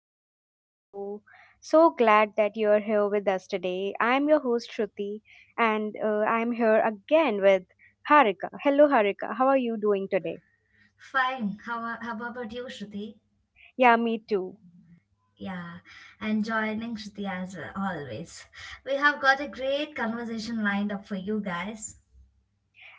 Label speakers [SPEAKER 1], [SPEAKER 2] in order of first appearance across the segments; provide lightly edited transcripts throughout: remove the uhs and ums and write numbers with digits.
[SPEAKER 1] back to the show. So glad that you're here with us today. I'm your host Shruti and I'm here again with Harika. Hello Harika, how are you doing today?
[SPEAKER 2] Fine. How, how about you, Shruti?
[SPEAKER 1] Yeah, me too.
[SPEAKER 2] Yeah, and joining Shruti as well, always. We have got a great conversation lined up for you guys.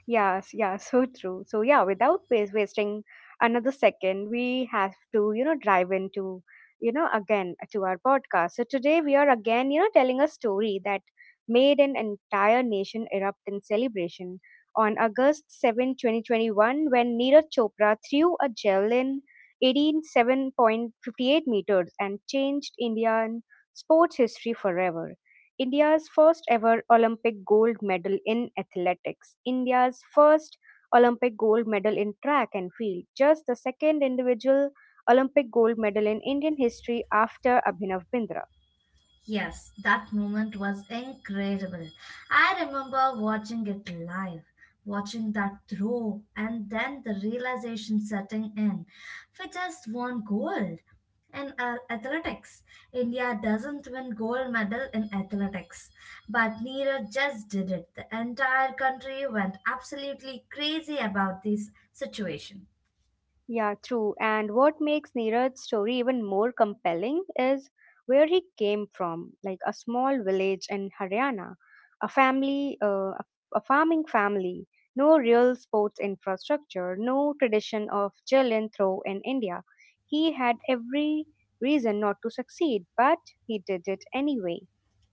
[SPEAKER 1] Yes, yeah, so true. So yeah, without wasting another second, we have to, drive into, again to our podcast. So today we are again, telling a story that made an entire nation erupt in celebration on August 7, 2021, when Neeraj Chopra threw a javelin 18 7.58 meters and changed Indian sports history forever. India's first ever Olympic gold medal in athletics, India's first Olympic gold medal in track and field, just the second individual Olympic gold medal in Indian history after Abhinav Bindra.
[SPEAKER 2] Yes, that moment was incredible. I remember watching it live, watching that throw, and then the realization setting in. We just won gold in athletics. India doesn't win gold medal in athletics, but Neeraj just did it. The entire country went absolutely crazy about this situation.
[SPEAKER 1] Yeah, true. And what makes Neeraj's story even more compelling is where he came from, like a small village in Haryana, a family, a farming family, no real sports infrastructure, no tradition of javelin throw in India. He had every reason not to succeed, but he did it anyway.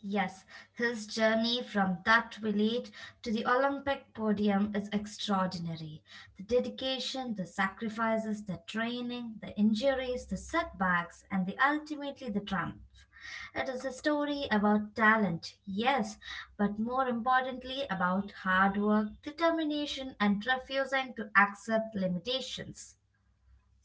[SPEAKER 2] Yes, his journey from that village to the Olympic podium is extraordinary. The dedication, the sacrifices, the training, the injuries, the setbacks, and the ultimately the triumph. It is a story about talent, yes, but more importantly about hard work, determination, and refusing to accept limitations.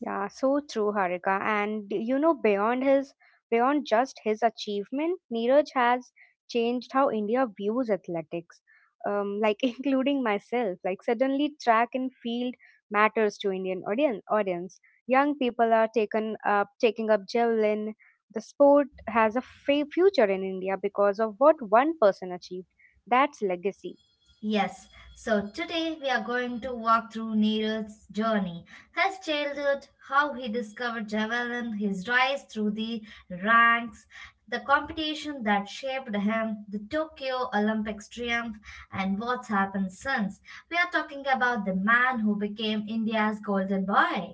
[SPEAKER 1] Yeah, so true, Harika. And you know, beyond just his achievement, Neeraj has changed how India views athletics. Like including myself. Like suddenly track and field matters to Indian audience. Young people are taken up taking up javelin. The sport has a future in India because of what one person achieved. That's legacy.
[SPEAKER 2] Yes, so today we are going to walk through Neeraj's journey, his childhood, how he discovered javelin, his rise through the ranks, the competition that shaped him, the Tokyo Olympics triumph, and what's happened since. We are talking about the man who became India's golden boy.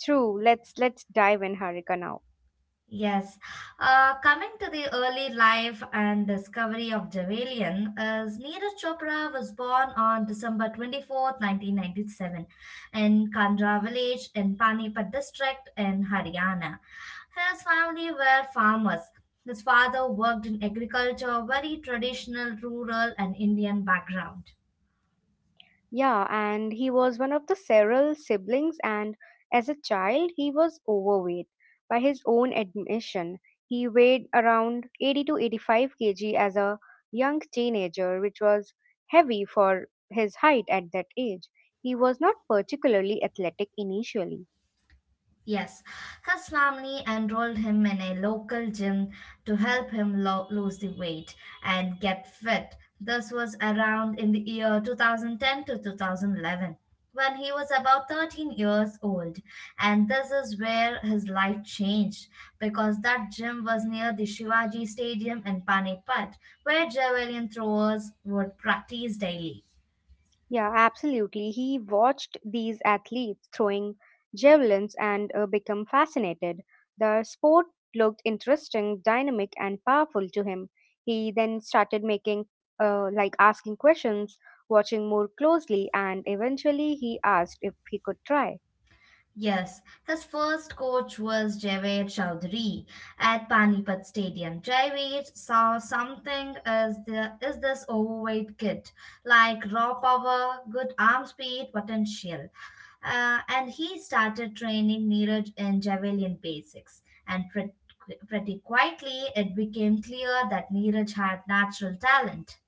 [SPEAKER 1] True. Let's dive in, Harika, now.
[SPEAKER 2] Yes. Coming to the early life and discovery of Jhavelian, as Neeraj Chopra was born on December 24th, 1997, in Kandra village in Panipat district in Haryana. His family were farmers. His father worked in agriculture, very traditional, rural, and Indian background.
[SPEAKER 1] Yeah, and he was one of the several siblings, and as a child, he was overweight. By his own admission, he weighed around 80 to 85 kg as a young teenager, which was heavy for his height at that age. He was not particularly athletic initially.
[SPEAKER 2] Yes, his family enrolled him in a local gym to help him lose the weight and get fit. This was around in the year 2010 to 2011 when he was about 13 years old. And this is where his life changed because that gym was near the Shivaji Stadium in Panipat where javelin throwers would practice daily.
[SPEAKER 1] Yeah, absolutely. He watched these athletes throwing javelins and become fascinated. The sport looked interesting, dynamic, and powerful to him. He then started asking questions, watching more closely, and eventually he asked if he could try.
[SPEAKER 2] Yes, his first coach was Javed Chowdhury at Panipat Stadium. Javed saw something as the is this overweight kid, like raw power, good arm speed, potential. And he started training Neeraj in javelin basics. And pretty quietly, it became clear that Neeraj had natural talent.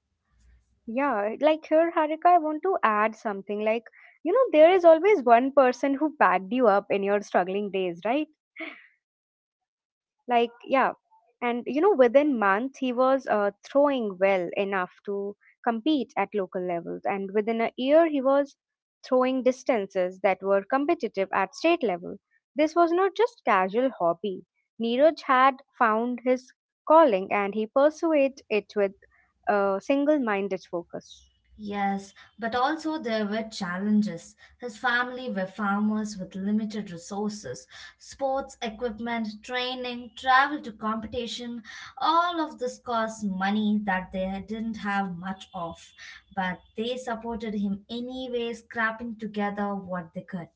[SPEAKER 1] Yeah, like here, Harika, I want to add something. Like, you know, there is always one person who backed you up in your struggling days, right? Like yeah, and you know, within month he was throwing well enough to compete at local levels, and within a year he was throwing distances that were competitive at state level. This was not just casual hobby. Neeraj had found his calling, and he pursued it with a single minded focus.
[SPEAKER 2] Yes, but also there were challenges. His family were farmers with limited resources. Sports equipment, training, travel to competition, all of this cost money that they didn't have much of. But they supported him anyway, scrapping together what they could.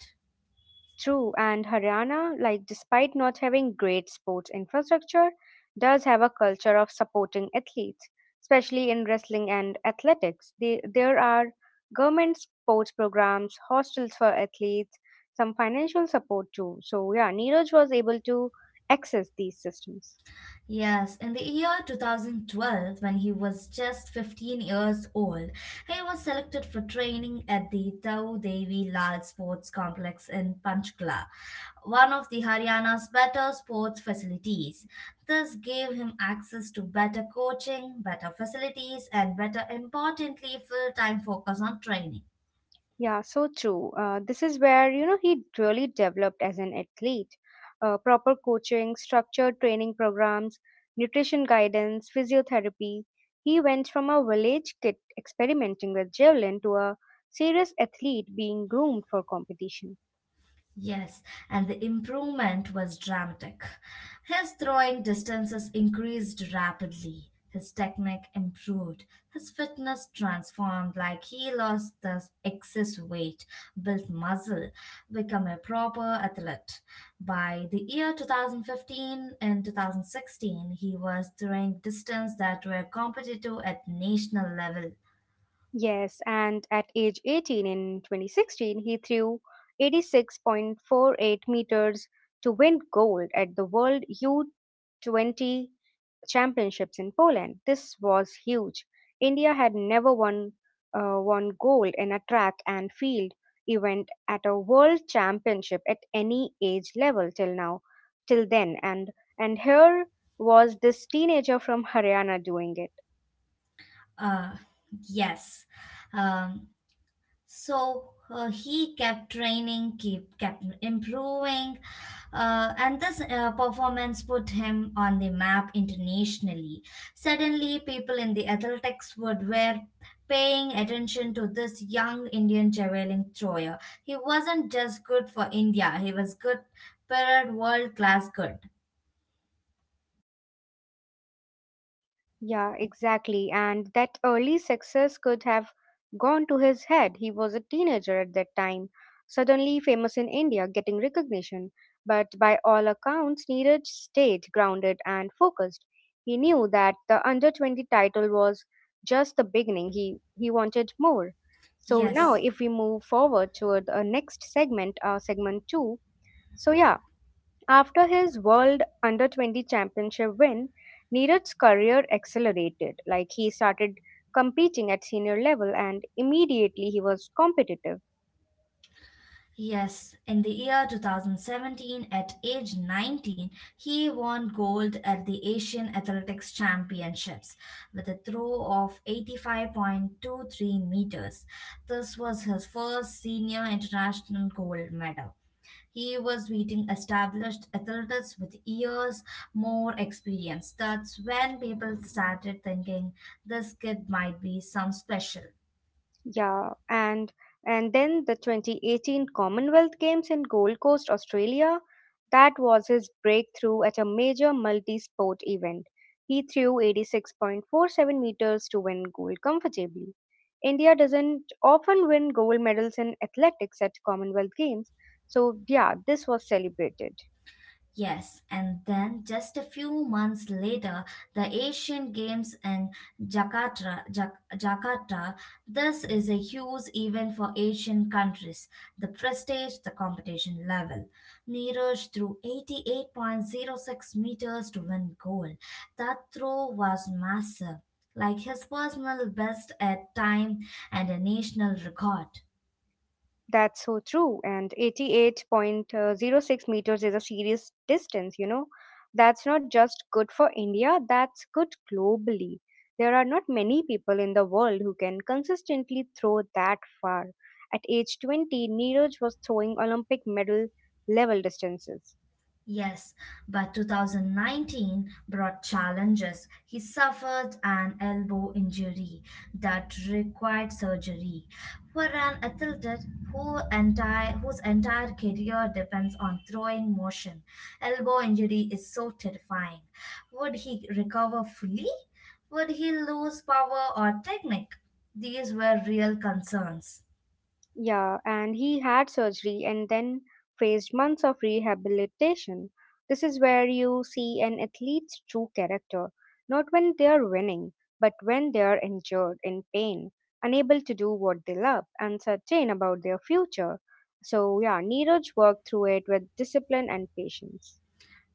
[SPEAKER 1] True, and Haryana, like despite not having great sports infrastructure, does have a culture of supporting athletes, especially in wrestling and athletics. They, there are government sports programs, hostels for athletes, some financial support too. So yeah, Neeraj was able to access these systems.
[SPEAKER 2] Yes, in the year 2012, when he was just 15 years old, he was selected for training at the Tau Devi Lal Sports Complex in Panchkula, one of the Haryana's better sports facilities. This gave him access to better coaching, better facilities, and better importantly, full time focus on training.
[SPEAKER 1] Yeah, so true. This is where, you know, he really developed as an athlete. Proper coaching, structured training programs, nutrition guidance, physiotherapy. He went from a village kid experimenting with javelin to a serious athlete being groomed for competition.
[SPEAKER 2] Yes, and the improvement was dramatic. His throwing distances increased rapidly, his technique improved, his fitness transformed like he lost the excess weight, built muscle, became a proper athlete. By the year 2015 and 2016, he was throwing distances that were competitive at national level.
[SPEAKER 1] Yes, and at age 18 in 2016, he threw 86.48 meters to win gold at the World U20 championships in Poland. This was huge. India had never won gold in a track and field event at a world championship at any age level till then, and here was this teenager from Haryana doing it.
[SPEAKER 2] Uh, yes. Um, he kept training keep kept improving and this performance put him on the map internationally. Suddenly people in the athletics world were paying attention to this young Indian javelin thrower. He wasn't just good for India, he was good, period. World class good.
[SPEAKER 1] Yeah, exactly. And that early success could have gone to his head. He was a teenager at that time, suddenly famous in India, getting recognition, but by all accounts needed stayed grounded and focused. He knew that the under 20 title was just the beginning. He wanted more. So now
[SPEAKER 2] yes
[SPEAKER 1] if we move forward toward the next segment, segment 2. So yeah, after his World Under 20 Championship win, Neeraj's career accelerated. Like he started competing at senior level, and immediately he was competitive.
[SPEAKER 2] Yes, in the year 2017, at age 19, he won gold at the Asian Athletics Championships with a throw of 85.23 meters. This was his first senior international gold medal. He was beating established athletes with years more experience. That's when people started thinking this kid might be some special.
[SPEAKER 1] Yeah, and then the 2018 Commonwealth Games in Gold Coast, Australia, that was his breakthrough at a major multi-sport event. He threw 86.47 meters to win gold comfortably. India doesn't often win gold medals in athletics at Commonwealth Games, so yeah, this was celebrated.
[SPEAKER 2] Yes, and then just a few months later, the Asian Games in Jakarta. This is a huge event for Asian countries. The prestige, the competition level. Neeraj threw 88.06 meters to win gold. That throw was massive, like his personal best at time and a national record.
[SPEAKER 1] That's so true. And 88.06 meters is a serious distance, you know. That's not just good for India, that's good globally. There are not many people in the world who can consistently throw that far. At age 20, Neeraj was throwing Olympic medal level distances.
[SPEAKER 2] Yes, but 2019 brought challenges. He suffered an elbow injury that required surgery. For an athlete whose entire career depends on throwing motion, elbow injury is so terrifying. Would he recover fully? Would he lose power or technique? These were real concerns.
[SPEAKER 1] Yeah, and he had surgery and then faced months of rehabilitation. This is where you see an athlete's true character, not when they are winning, but when they are injured, in pain, unable to do what they love, uncertain about their future. So, yeah, Neeraj worked through it with discipline and patience.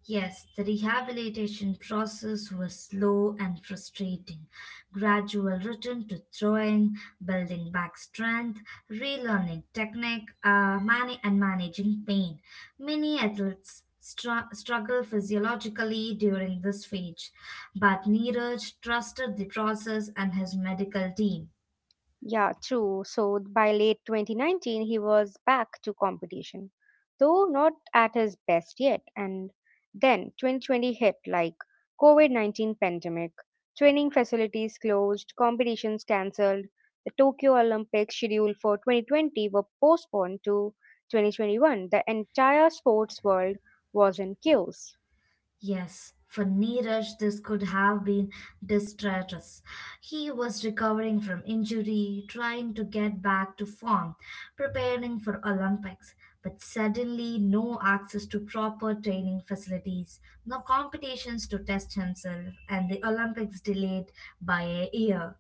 [SPEAKER 2] Yes, the rehabilitation process was slow and frustrating. Gradual return to throwing, building back strength, relearning technique, and managing pain. Many athletes struggle physiologically during this phase, but Neeraj trusted the process and his medical team.
[SPEAKER 1] Yeah, true. So by late 2019, he was back to competition, though not at his best yet. And then 2020 hit like COVID-19 pandemic, training facilities closed, competitions cancelled. The Tokyo Olympics scheduled for 2020 were postponed to 2021. The entire sports world was in chaos.
[SPEAKER 2] Yes, for Neeraj, this could have been disastrous. He was recovering from injury, trying to get back to form, preparing for Olympics, but suddenly no access to proper training facilities, no competitions to test himself, and the Olympics delayed by a year.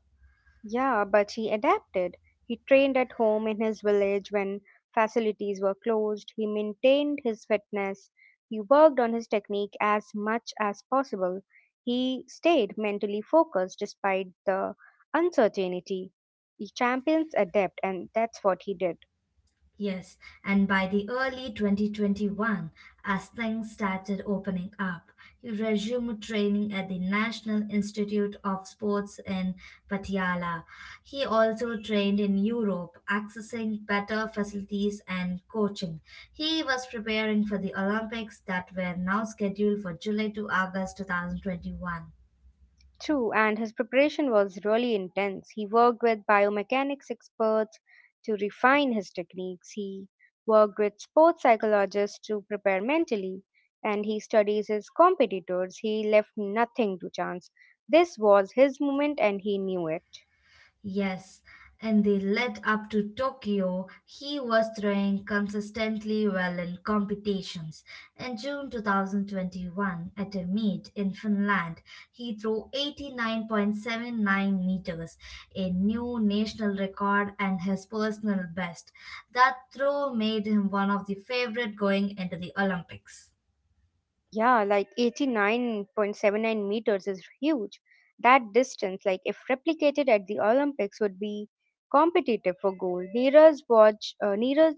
[SPEAKER 1] Yeah, but he adapted. He trained at home in his village when facilities were closed. He maintained his fitness. He worked on his technique as much as possible. He stayed mentally focused despite the uncertainty. He champions adapt, and that's what he did.
[SPEAKER 2] Yes, and by the early 2021, as things started opening up, he resumed training at the National Institute of Sports in Patiala. He also trained in Europe, accessing better facilities and coaching. He was preparing for the Olympics that were now scheduled for July to August 2021.
[SPEAKER 1] True, and his preparation was really intense. He worked with biomechanics experts to refine his techniques. He worked with sports psychologists to prepare mentally, and he studies his competitors. He left nothing to chance. This was his moment, and he knew it.
[SPEAKER 2] Yes, and they led up to Tokyo, he was throwing consistently well in competitions. In June 2021, at a meet in Finland, he threw 89.79 meters, a new national record and his personal best. That throw made him one of the favorite going into the Olympics.
[SPEAKER 1] Yeah, like 89.79 meters is huge. That distance, like if replicated at the Olympics, would be competitive for gold. Neeraj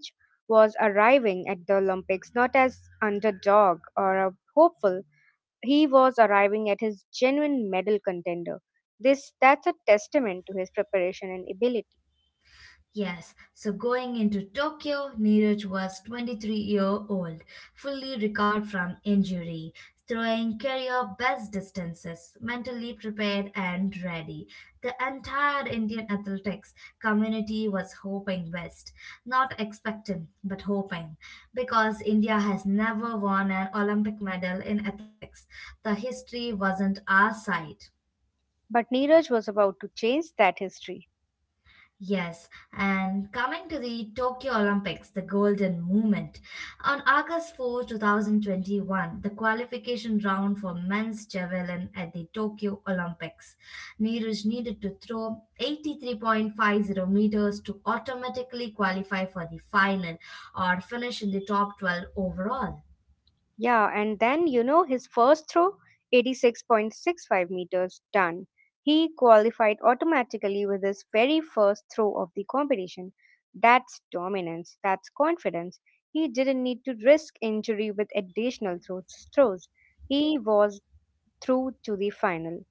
[SPEAKER 1] was arriving at the Olympics not as underdog or a hopeful. He was arriving at his genuine medal contender. This that's a testament to his preparation and ability.
[SPEAKER 2] Yes, so going into Tokyo, Neeraj was 23-year-old, fully recovered from injury, throwing career best distances, mentally prepared and ready. The entire Indian athletics community was hoping best, not expecting but hoping, because India has never won an Olympic medal in athletics. The history wasn't our side.
[SPEAKER 1] But Neeraj was about to change that history.
[SPEAKER 2] Yes, and coming to the Tokyo Olympics, the Golden Movement. On August 4, 2021, the qualification round for men's javelin at the Tokyo Olympics. Neeraj needed to throw 83.50 meters to automatically qualify for the final or finish in the top 12 overall.
[SPEAKER 1] Yeah, and then you know his first throw, 86.65 meters done. He qualified automatically with his very first throw of the competition. That's dominance, that's confidence. He didn't need to risk injury with additional throws. He was through to the final.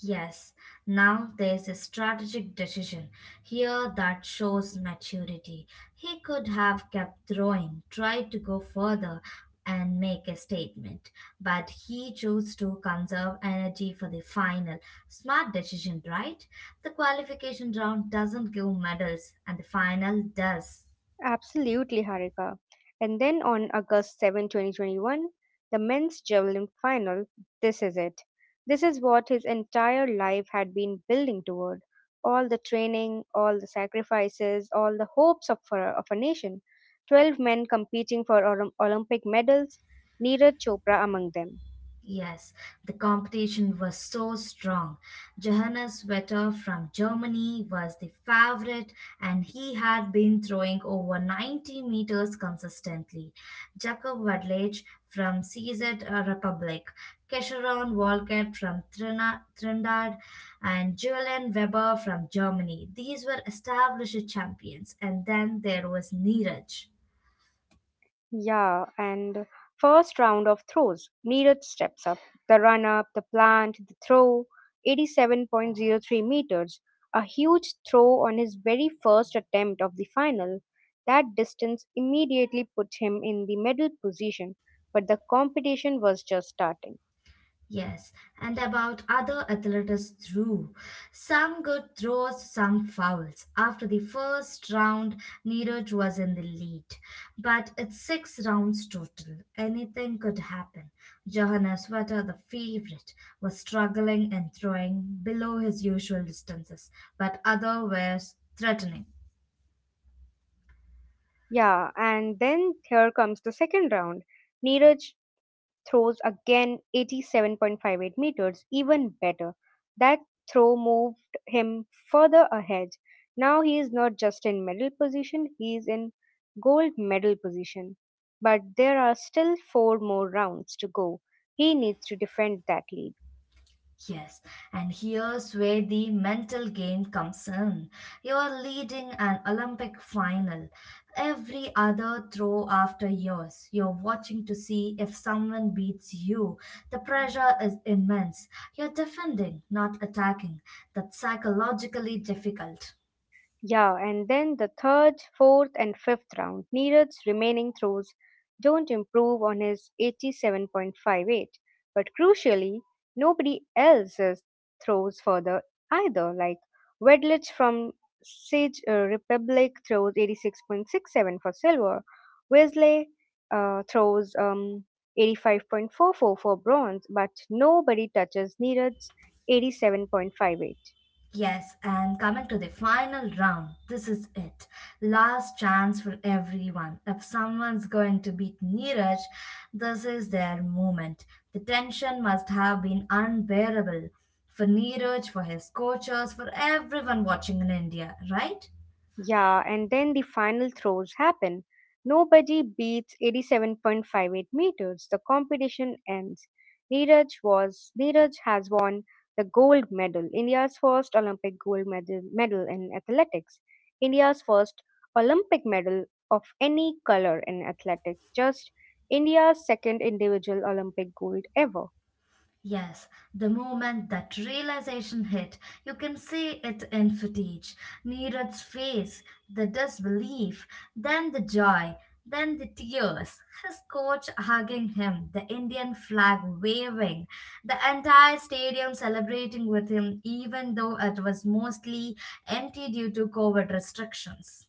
[SPEAKER 2] Yes, now there's a strategic decision here that shows maturity. He could have kept throwing, tried to go further, and make a statement, but he chose to conserve energy for the final. Smart decision, right? The qualification round doesn't give medals, and the final does.
[SPEAKER 1] Absolutely, Harika. And then on August 7, 2021, the men's javelin final, this is it. This is what his entire life had been building toward. All the training, all the sacrifices, all the hopes of a nation. 12 men competing for Olympic medals, Neeraj Chopra among them.
[SPEAKER 2] Yes, the competition was so strong. Johannes Vetter from Germany was the favorite and he had been throwing over 90 meters consistently. Jakob Wadlage from CZ Republic, Kesharon Walcott from Trinidad and Julian Weber from Germany. These were established champions and then there was Neeraj.
[SPEAKER 1] Yeah, and first round of throws. Neeraj steps up. The run up, the plant, the throw. 87.03 meters. A huge throw on his very first attempt of the final. That distance immediately put him in the medal position, but the competition was just starting.
[SPEAKER 2] Yes, and about other athletes too. Some good throws, some fouls. After the first round, Neeraj was in the lead. But it's six rounds total. Anything could happen. Johanna Sweater, the favorite, was struggling and throwing below his usual distances, but others were threatening.
[SPEAKER 1] Yeah, and then here comes the second round. Neeraj throws again 87.58 meters, even better. That throw moved him further ahead. Now he is not just in medal position, he is in gold medal position. But there are still four more rounds to go. He needs to defend that lead.
[SPEAKER 2] Yes, and here's where the mental game comes in. You're leading an Olympic final. Every other throw after yours, you're watching to see if someone beats you. The pressure is immense. You're defending, not attacking. That's psychologically difficult.
[SPEAKER 1] Yeah, and then the third, fourth, and fifth round, Neeraj's remaining throws don't improve on his 87.58. But crucially, nobody else's throws further either. Like Wedlich from Sage Republic throws 86.67 for silver. Wesley throws 85.44 for bronze, but nobody touches Neeraj's 87.58.
[SPEAKER 2] Yes, and coming to the final round, this is it. Last chance for everyone. If someone's going to beat Neeraj, this is their moment. The tension must have been unbearable for Neeraj, for his coaches, for everyone watching in India, right?
[SPEAKER 1] Yeah, and then the final throws happen. Nobody beats 87.58 meters. The competition ends. Neeraj has won the gold medal, India's first Olympic gold medal in athletics, India's first Olympic medal of any color in athletics, just India's second individual Olympic gold ever.
[SPEAKER 2] Yes, the moment that realization hit, you can see it in footage. Neeraj's face, the disbelief, then the joy, then the tears, his coach hugging him, the Indian flag waving, the entire stadium celebrating with him, even though it was mostly empty due to COVID restrictions.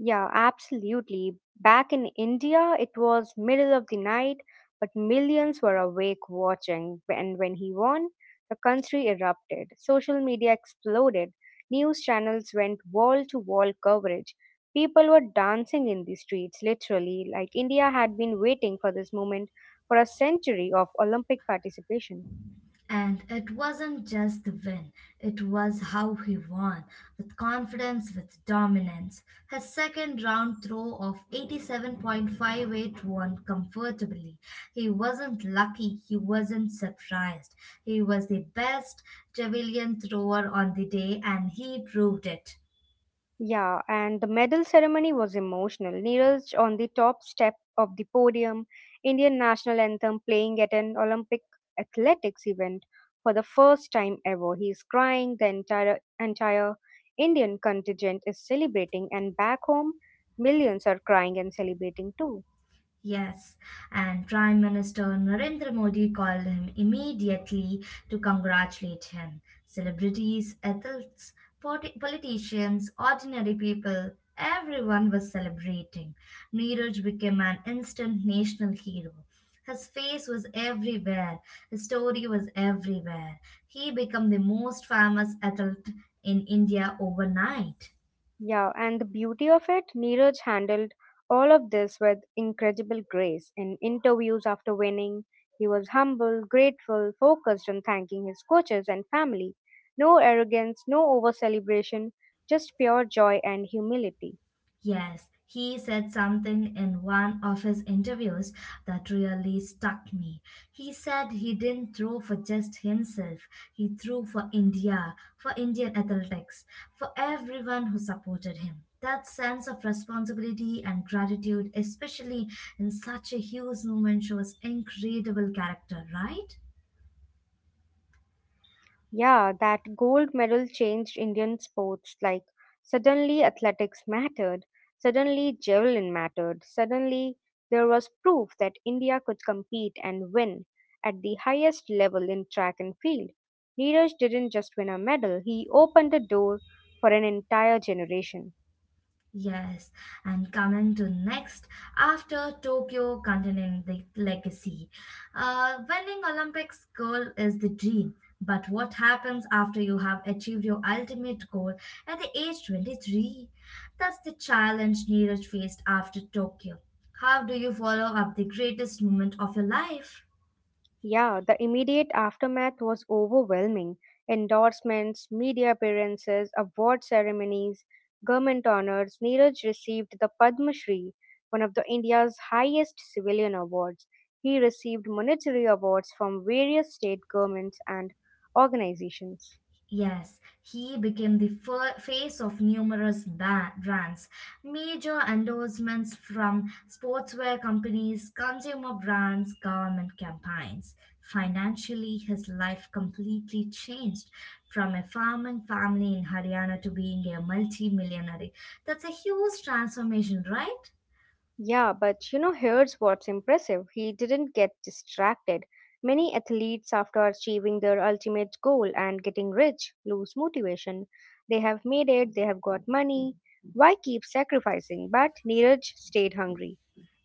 [SPEAKER 1] Yeah, absolutely. Back in India, it was middle of the night, but millions were awake watching. And when he won, the country erupted. Social media exploded. News channels went wall to wall coverage. People were dancing in the streets, literally, like India had been waiting for this moment for a century of Olympic participation.
[SPEAKER 2] And it wasn't just the win, it was how he won with confidence, with dominance. His second round throw of 87.58 won comfortably. He wasn't lucky, he wasn't surprised. He was the best javelin thrower on the day, and he proved it.
[SPEAKER 1] Yeah, and the medal ceremony was emotional. Neeraj on the top step of the podium, Indian national anthem playing at an Olympic athletics event for the first time ever. He is crying, the entire Indian contingent is celebrating, and back home millions are crying and celebrating too.
[SPEAKER 2] Yes, and Prime Minister Narendra Modi called him immediately to congratulate him. Celebrities, athletes, politicians, ordinary people, everyone was celebrating. Neeraj became an instant national hero. His face was everywhere, his story was everywhere. He became the most famous athlete in India overnight.
[SPEAKER 1] Yeah, and the beauty of it, Neeraj handled all of this with incredible grace. In interviews after winning, he was humble, grateful, focused on thanking his coaches and family. No arrogance, no over celebration, just pure joy and humility.
[SPEAKER 2] Yes, he said something in one of his interviews that really stuck me. He said he didn't throw for just himself, he threw for India, for Indian athletics, for everyone who supported him. That sense of responsibility and gratitude, especially in such a huge movement, shows incredible character, right?
[SPEAKER 1] Yeah, that gold medal changed Indian sports. Like, suddenly athletics mattered, suddenly javelin mattered, suddenly there was proof that India could compete and win at the highest level in track and field. Neeraj didn't just win a medal, he opened the door for an entire generation.
[SPEAKER 2] Yes, and coming to next, after Tokyo continuing the legacy. Winning Olympics goal is the dream, but what happens after you have achieved your ultimate goal at the age 23? That's the challenge Neeraj faced after Tokyo. How do you follow up the greatest moment of your life?
[SPEAKER 1] Yeah, the immediate aftermath was overwhelming. Endorsements, media appearances, award ceremonies, government honors. Neeraj received the Padma Shri, one of the India's highest civilian awards. He received monetary awards from various state governments and organizations.
[SPEAKER 2] Yes, he became the face of numerous brands, major endorsements from sportswear companies, consumer brands, government campaigns. Financially, his life completely changed from a farming family in Haryana to being a multi millionaire. That's a huge transformation, right?
[SPEAKER 1] Yeah, but you know, here's what's impressive. He didn't get distracted. Many athletes, after achieving their ultimate goal and getting rich, lose motivation. They have made it, they have got money. Why keep sacrificing? But Neeraj stayed hungry.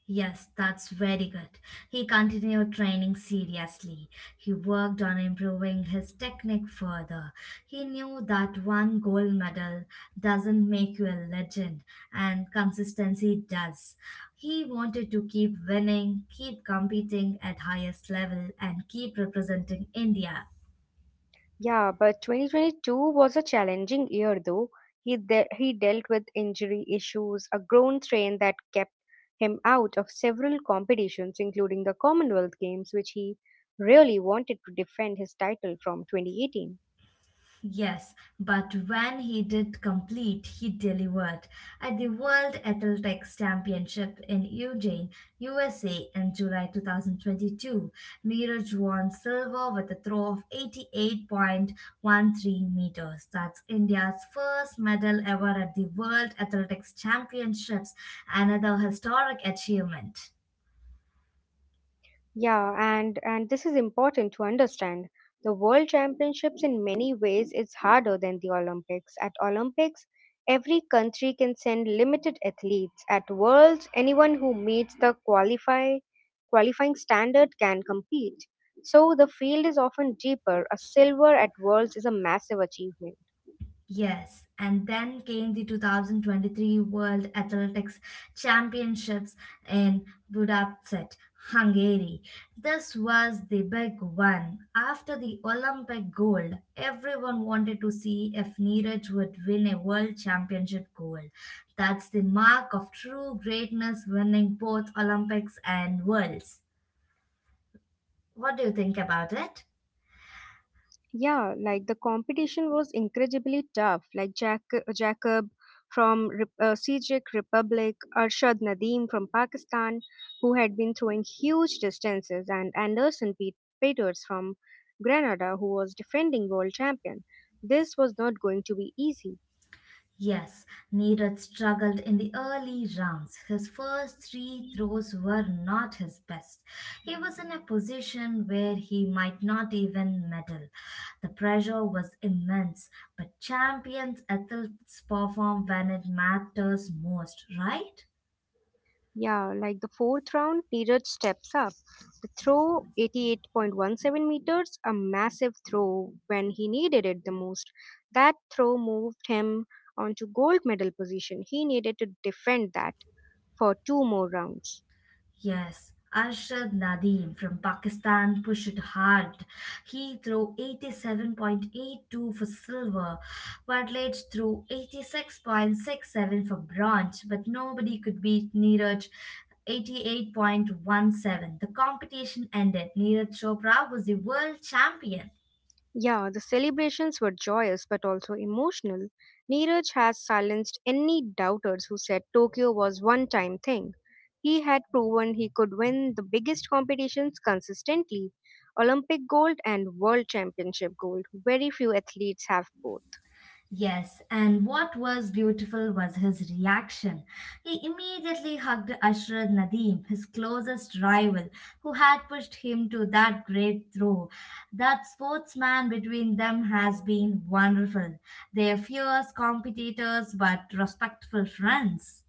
[SPEAKER 2] Yes, that's very good. He continued training seriously. He worked on improving his technique further. He knew that one gold medal doesn't make you a legend, and consistency does. He wanted to keep winning, keep competing at highest level, and keep representing India.
[SPEAKER 1] Yeah, but 2022 was a challenging year though. He dealt with injury issues, a groin strain that kept him out of several competitions including the Commonwealth Games which he really wanted to defend his title from 2018.
[SPEAKER 2] Yes, but when he did complete, he delivered. At the World Athletics Championship in Eugene, USA in July 2022, Miraj won silver with a throw of 88.13 meters. That's India's first medal ever at the World Athletics Championships, another historic achievement.
[SPEAKER 1] Yeah, and this is important to understand. The World Championships in many ways is harder than the Olympics. At Olympics, every country can send limited athletes. At Worlds, anyone who meets the qualifying standard can compete. So the field is often deeper. A silver at Worlds is a massive achievement.
[SPEAKER 2] Yes, and then came the 2023 World Athletics Championships in Budapest, Hungary. This was the big one. After the Olympic gold, everyone wanted to see if Neeraj would win a world championship gold. That's the mark of true greatness winning both Olympics and worlds. What do you think about it?
[SPEAKER 1] Yeah, like the competition was incredibly tough. Like Jacob from Czech Republic, Arshad Nadeem from Pakistan, who had been throwing huge distances, and Anderson Peters from Grenada, who was defending world champion. This was not going to be easy.
[SPEAKER 2] Yes, Neeraj struggled in the early rounds. His first three throws were not his best. He was in a position where he might not even medal. The pressure was immense, but champions athletes perform when it matters most, right?
[SPEAKER 1] Yeah, like the fourth round, Neeraj steps up. The throw, 88.17 meters, a massive throw when he needed it the most. That throw moved him onto gold medal position. He needed to defend that for two more rounds.
[SPEAKER 2] Yes, Arshad Nadeem from Pakistan pushed hard. He threw 87.82 for silver, Bartlett threw 86.67 for bronze, but nobody could beat Neeraj 88.17. The competition ended. Neeraj Chopra was the world champion.
[SPEAKER 1] Yeah, the celebrations were joyous but also emotional. Neeraj has silenced any doubters who said Tokyo was one time thing. He had proven he could win the biggest competitions consistently Olympic gold and world championship gold. Very few athletes have both.
[SPEAKER 2] Yes, and what was beautiful was his reaction. He immediately hugged Ashraf Nadim, his closest rival, who had pushed him to that great throw. That sportsman between them has been wonderful. They're fierce competitors but respectful friends.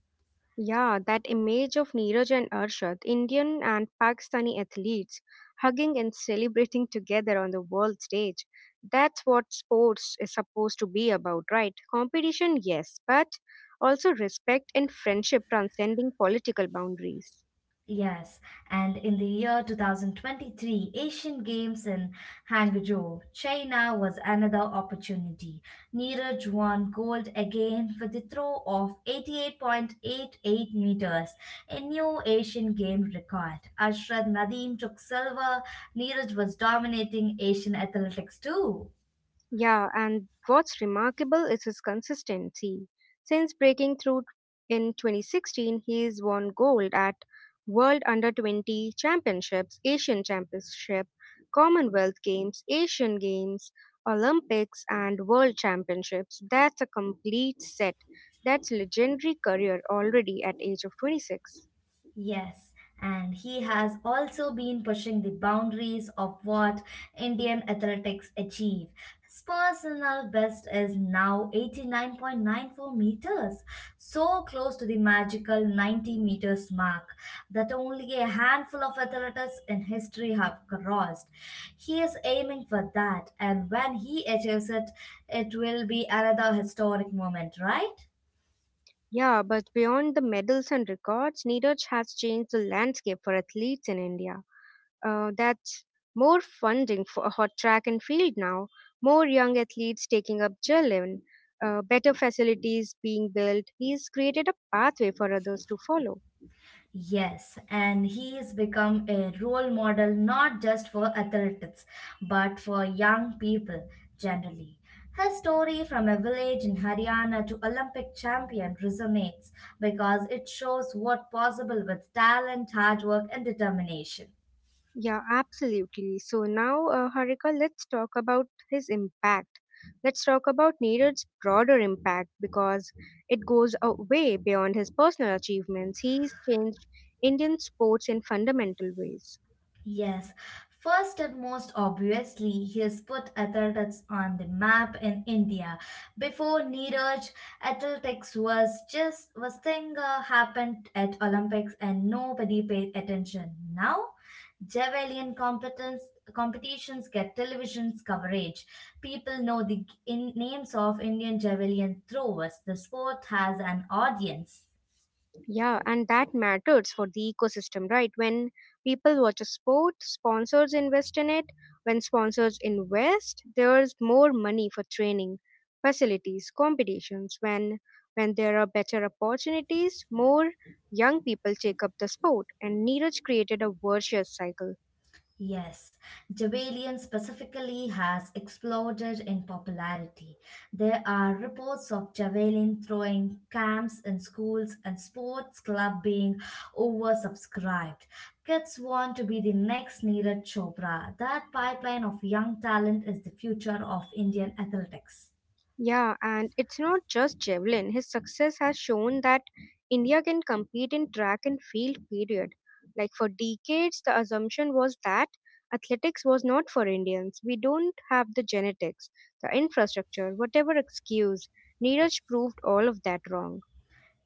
[SPEAKER 1] Yeah, that image of Neeraj and Arshad, Indian and Pakistani athletes, hugging and celebrating together on the world stage. That's what sports is supposed to be about, right? Competition, yes, but also respect and friendship transcending political boundaries.
[SPEAKER 2] Yes, and in the year 2023 Asian Games in Hangzhou, China was another opportunity. Neeraj won gold again with a throw of 88.88 meters, a new Asian game record. Ashraf Nadeem took silver. Neeraj was dominating Asian athletics too.
[SPEAKER 1] Yeah, and what's remarkable is his consistency. Since breaking through in 2016, he's won gold at World Under 20 Championships, Asian Championship, Commonwealth Games, Asian Games, Olympics, and World Championships. That's a complete set. That's legendary career already at age of 26.
[SPEAKER 2] Yes, and he has also been pushing the boundaries of what Indian athletics achieve. His personal best is now 89.94 meters, so close to the magical 90 meters mark that only a handful of athletes in history have crossed. He is aiming for that, and when he achieves it, it will be another historic moment, right?
[SPEAKER 1] Yeah, but beyond the medals and records, Neeraj has changed the landscape for athletes in India. That's more funding for hot track and field now, more young athletes taking up Jalen, better facilities being built. He's created a pathway for others to follow.
[SPEAKER 2] Yes, and he has become a role model not just for athletes but for young people generally. His story from a village in Haryana to Olympic champion resonates because it shows what possible with talent, hard work and determination.
[SPEAKER 1] Yeah, absolutely. So now, Harika, let's talk about his impact. Let's talk about Neeraj's broader impact because it goes a way beyond his personal achievements. He's changed Indian sports in fundamental ways.
[SPEAKER 2] Yes, first and most obviously, he has put athletics on the map in India. Before Neeraj, athletics was just was thing happened at Olympics and nobody paid attention. Now, javelin competence competitions get television's coverage. People know the names of Indian javelin throwers. The sport has an audience.
[SPEAKER 1] Yeah, and that matters for the ecosystem, right? When people watch a sport, sponsors invest in it. When sponsors invest, there's more money for training, facilities, competitions. When there are better opportunities, more young people take up the sport, and Neeraj created a virtuous cycle.
[SPEAKER 2] Yes, Jabalion specifically has exploded in popularity. There are reports of Javelin throwing camps in schools and sports club being oversubscribed. Kids want to be the next Neeraj Chopra. That pipeline of young talent is the future of Indian athletics.
[SPEAKER 1] Yeah, and it's not just javelin. His success has shown that India can compete in track and field, period. Like for decades, the assumption was that athletics was not for Indians. We don't have the genetics, the infrastructure, whatever excuse. Neeraj proved all of that wrong.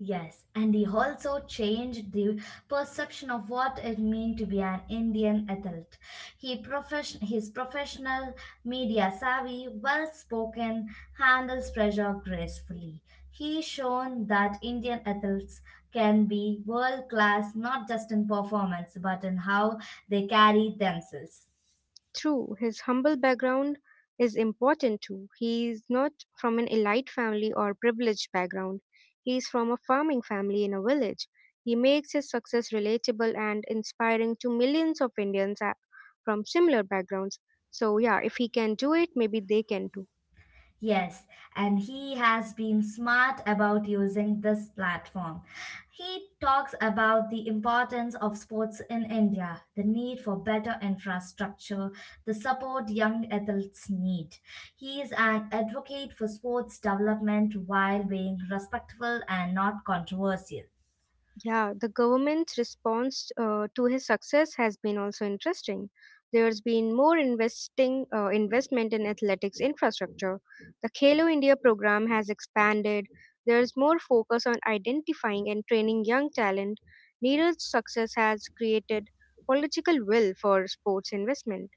[SPEAKER 2] Yes, and he also changed the perception of what it meant to be an Indian adult. He profession His professional, media savvy, well spoken, handles pressure gracefully. He shown that Indian adults can be world class not just in performance but in how they carry themselves.
[SPEAKER 1] True, his humble background is important too. He is not from an elite family or privileged background. He is from a farming family in a village. He makes his success relatable and inspiring to millions of Indians from similar backgrounds. So, yeah, if he can do it, maybe they can too.
[SPEAKER 2] Yes, and he has been smart about using this platform. He talks about the importance of sports in India, the need for better infrastructure, the support young athletes need. He is an advocate for sports development while being respectful and not controversial.
[SPEAKER 1] Yeah, the government's response to his success has been also interesting. There's been more investing investment in athletics infrastructure. The Khelo India program has expanded. There's more focus on identifying and training young talent. Neeraj's success has created political will for sports investment.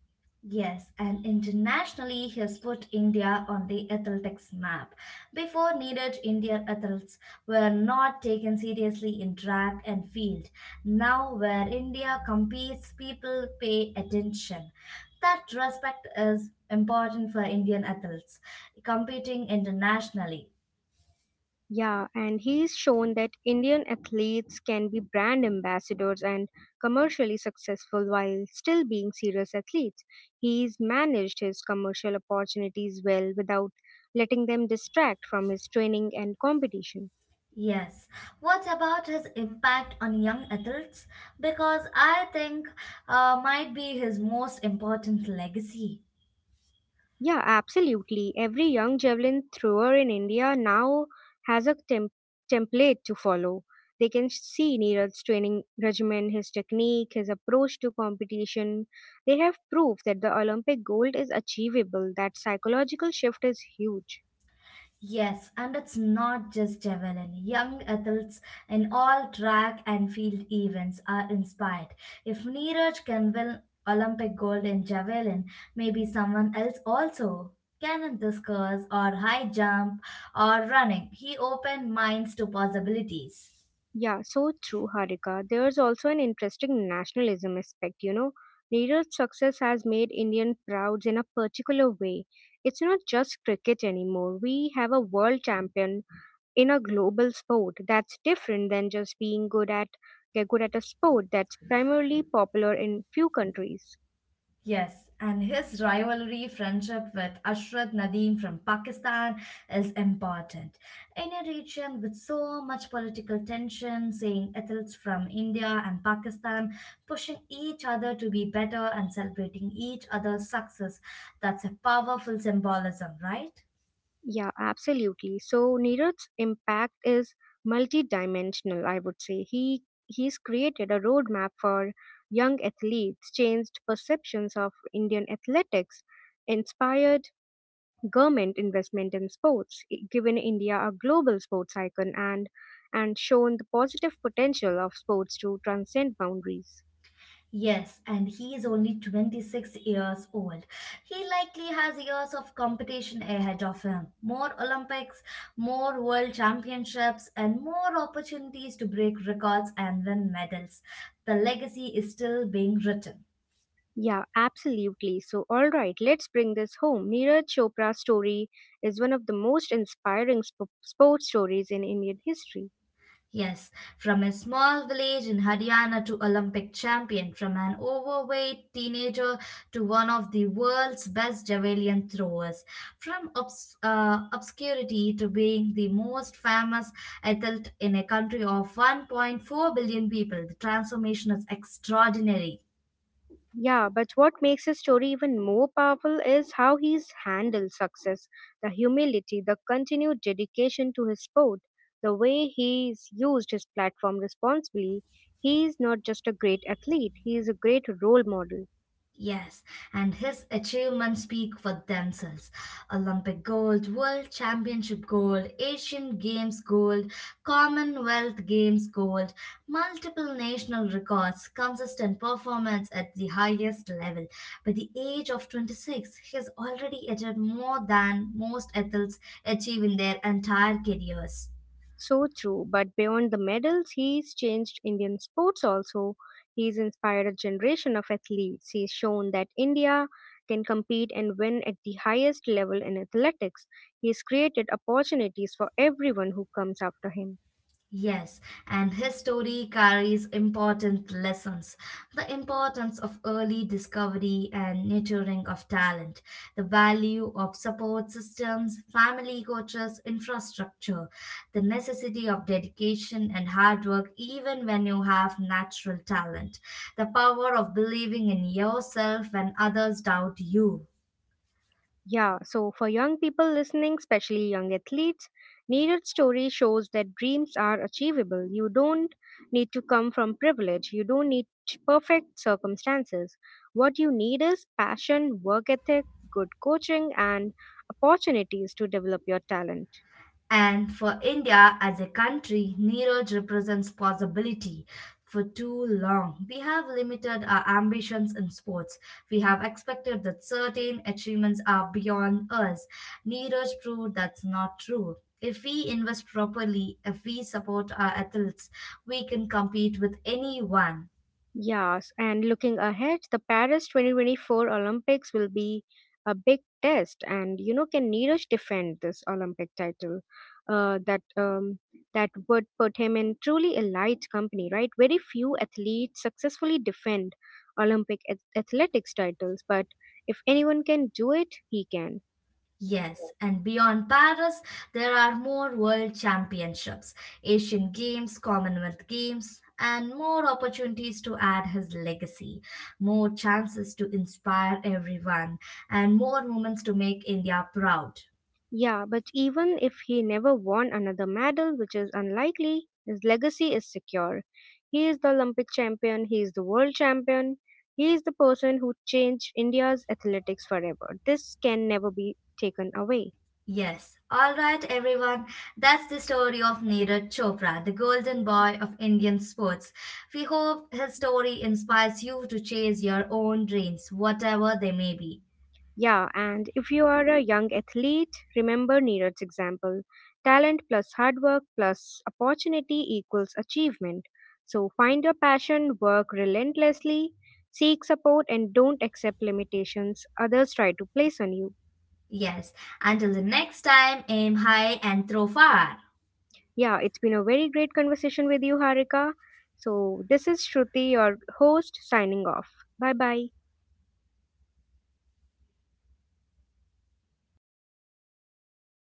[SPEAKER 2] Yes, and internationally, he has put India on the athletics map. Before needed, Indian athletes were not taken seriously in track and field. Now, where India competes, people pay attention. That respect is important for Indian athletes competing internationally.
[SPEAKER 1] Yeah, and he's shown that Indian athletes can be brand ambassadors and commercially successful while still being serious athletes. He's managed his commercial opportunities well without letting them distract from his training and competition.
[SPEAKER 2] Yes. What about his impact on young athletes? Because I think might be his most important legacy.
[SPEAKER 1] Yeah, absolutely. Every young javelin thrower in India now has a template to follow. They can see Neeraj's training regimen, his technique, his approach to competition. They have proof that the Olympic gold is achievable. That psychological shift is huge.
[SPEAKER 2] Yes, and it's not just javelin. Young athletes in all track and field events are inspired. If Neeraj can win Olympic gold in javelin, maybe someone else also can in discus or high jump or running. He opened minds to possibilities.
[SPEAKER 1] Yeah, so true, Harika. There's also an interesting nationalism aspect, Neeraj's success has made Indian proud in a particular way. It's not just cricket anymore. We have a world champion in a global sport that's different than just being good at a sport that's primarily popular in few countries.
[SPEAKER 2] Yes, and his rivalry friendship with Ashrat Nadeem from Pakistan is important. In a region with so much political tension, seeing athletes from India and Pakistan pushing each other to be better and celebrating each other's success, that's a powerful symbolism, right?
[SPEAKER 1] Yeah, absolutely. So Neeraj's impact is multidimensional, I would say. He's created a roadmap for young athletes, changed perceptions of Indian athletics, inspired government investment in sports, given India a global sports icon and shown the positive potential of sports to transcend boundaries.
[SPEAKER 2] Yes, and he is only 26 years old. He likely has years of competition ahead of him. More Olympics, more world championships, and more opportunities to break records and win medals. The legacy is still being written.
[SPEAKER 1] Yeah, absolutely. So, all right, let's bring this home. Neeraj Chopra's story is one of the most inspiring sports stories in Indian history.
[SPEAKER 2] Yes, from a small village in Haryana to Olympic champion, from an overweight teenager to one of the world's best javelin throwers, from obscurity to being the most famous athlete in a country of 1.4 billion people, the transformation is extraordinary.
[SPEAKER 1] Yeah, but what makes his story even more powerful is how he's handled success, the humility, the continued dedication to his sport, the way he's used his platform responsibly. He's not just a great athlete, he is a great role model.
[SPEAKER 2] Yes, and his achievements speak for themselves. Olympic gold, World Championship gold, Asian Games gold, Commonwealth Games gold, multiple national records, consistent performance at the highest level. By the age of 26, he has already achieved more than most athletes achieve in their entire careers.
[SPEAKER 1] So true, but beyond the medals, he's changed Indian sports also. He's inspired a generation of athletes. He's shown that India can compete and win at the highest level in athletics. He's created opportunities for everyone who comes after him.
[SPEAKER 2] Yes, and his story carries important lessons. The importance of early discovery and nurturing of talent, the value of support systems, family coaches, infrastructure, the necessity of dedication and hard work, even when you have natural talent, the power of believing in yourself when others doubt you.
[SPEAKER 1] Yeah, so for young people listening, especially young athletes, Needed Story shows that dreams are achievable. You don't need to come from privilege, you don't need perfect circumstances. What you need is passion, work ethic, good coaching, and opportunities to develop your talent.
[SPEAKER 2] And for India as a country, Neeraj represents possibility. For too long, we have limited our ambitions in sports. We have expected that certain achievements are beyond us. Neeraj proved that's not true. If we invest properly, if we support our athletes, we can compete with anyone.
[SPEAKER 1] Yes, and looking ahead, the Paris 2024 Olympics will be a big test, and you know, can Neeraj defend this Olympic title? Uh, that um, that would put him in truly elite company, right? Very few athletes successfully defend Olympic athletics titles, but if anyone can do it, he can.
[SPEAKER 2] Yes, and beyond Paris, there are more world championships, Asian Games, Commonwealth Games, and more opportunities to add his legacy, more chances to inspire everyone, and more moments to make India proud.
[SPEAKER 1] Yeah, but even if he never won another medal, which is unlikely, his legacy is secure. He is the Olympic champion, he is the world champion, he is the person who changed India's athletics forever. This can never be taken away.
[SPEAKER 2] Yes, all right, everyone. That's the story of Neeraj Chopra, the golden boy of Indian sports. We hope his story inspires you to chase your own dreams, whatever they may be.
[SPEAKER 1] Yeah, and if you are a young athlete, remember Neeraj's example. Talent plus hard work plus opportunity equals achievement. So find your passion, work relentlessly, seek support, and don't accept limitations others try to place on you.
[SPEAKER 2] Yes. Until the next time, aim high and throw far.
[SPEAKER 1] Yeah, it's been a very great conversation with you, Harika. So this is Shruti, your host, signing off. Bye bye.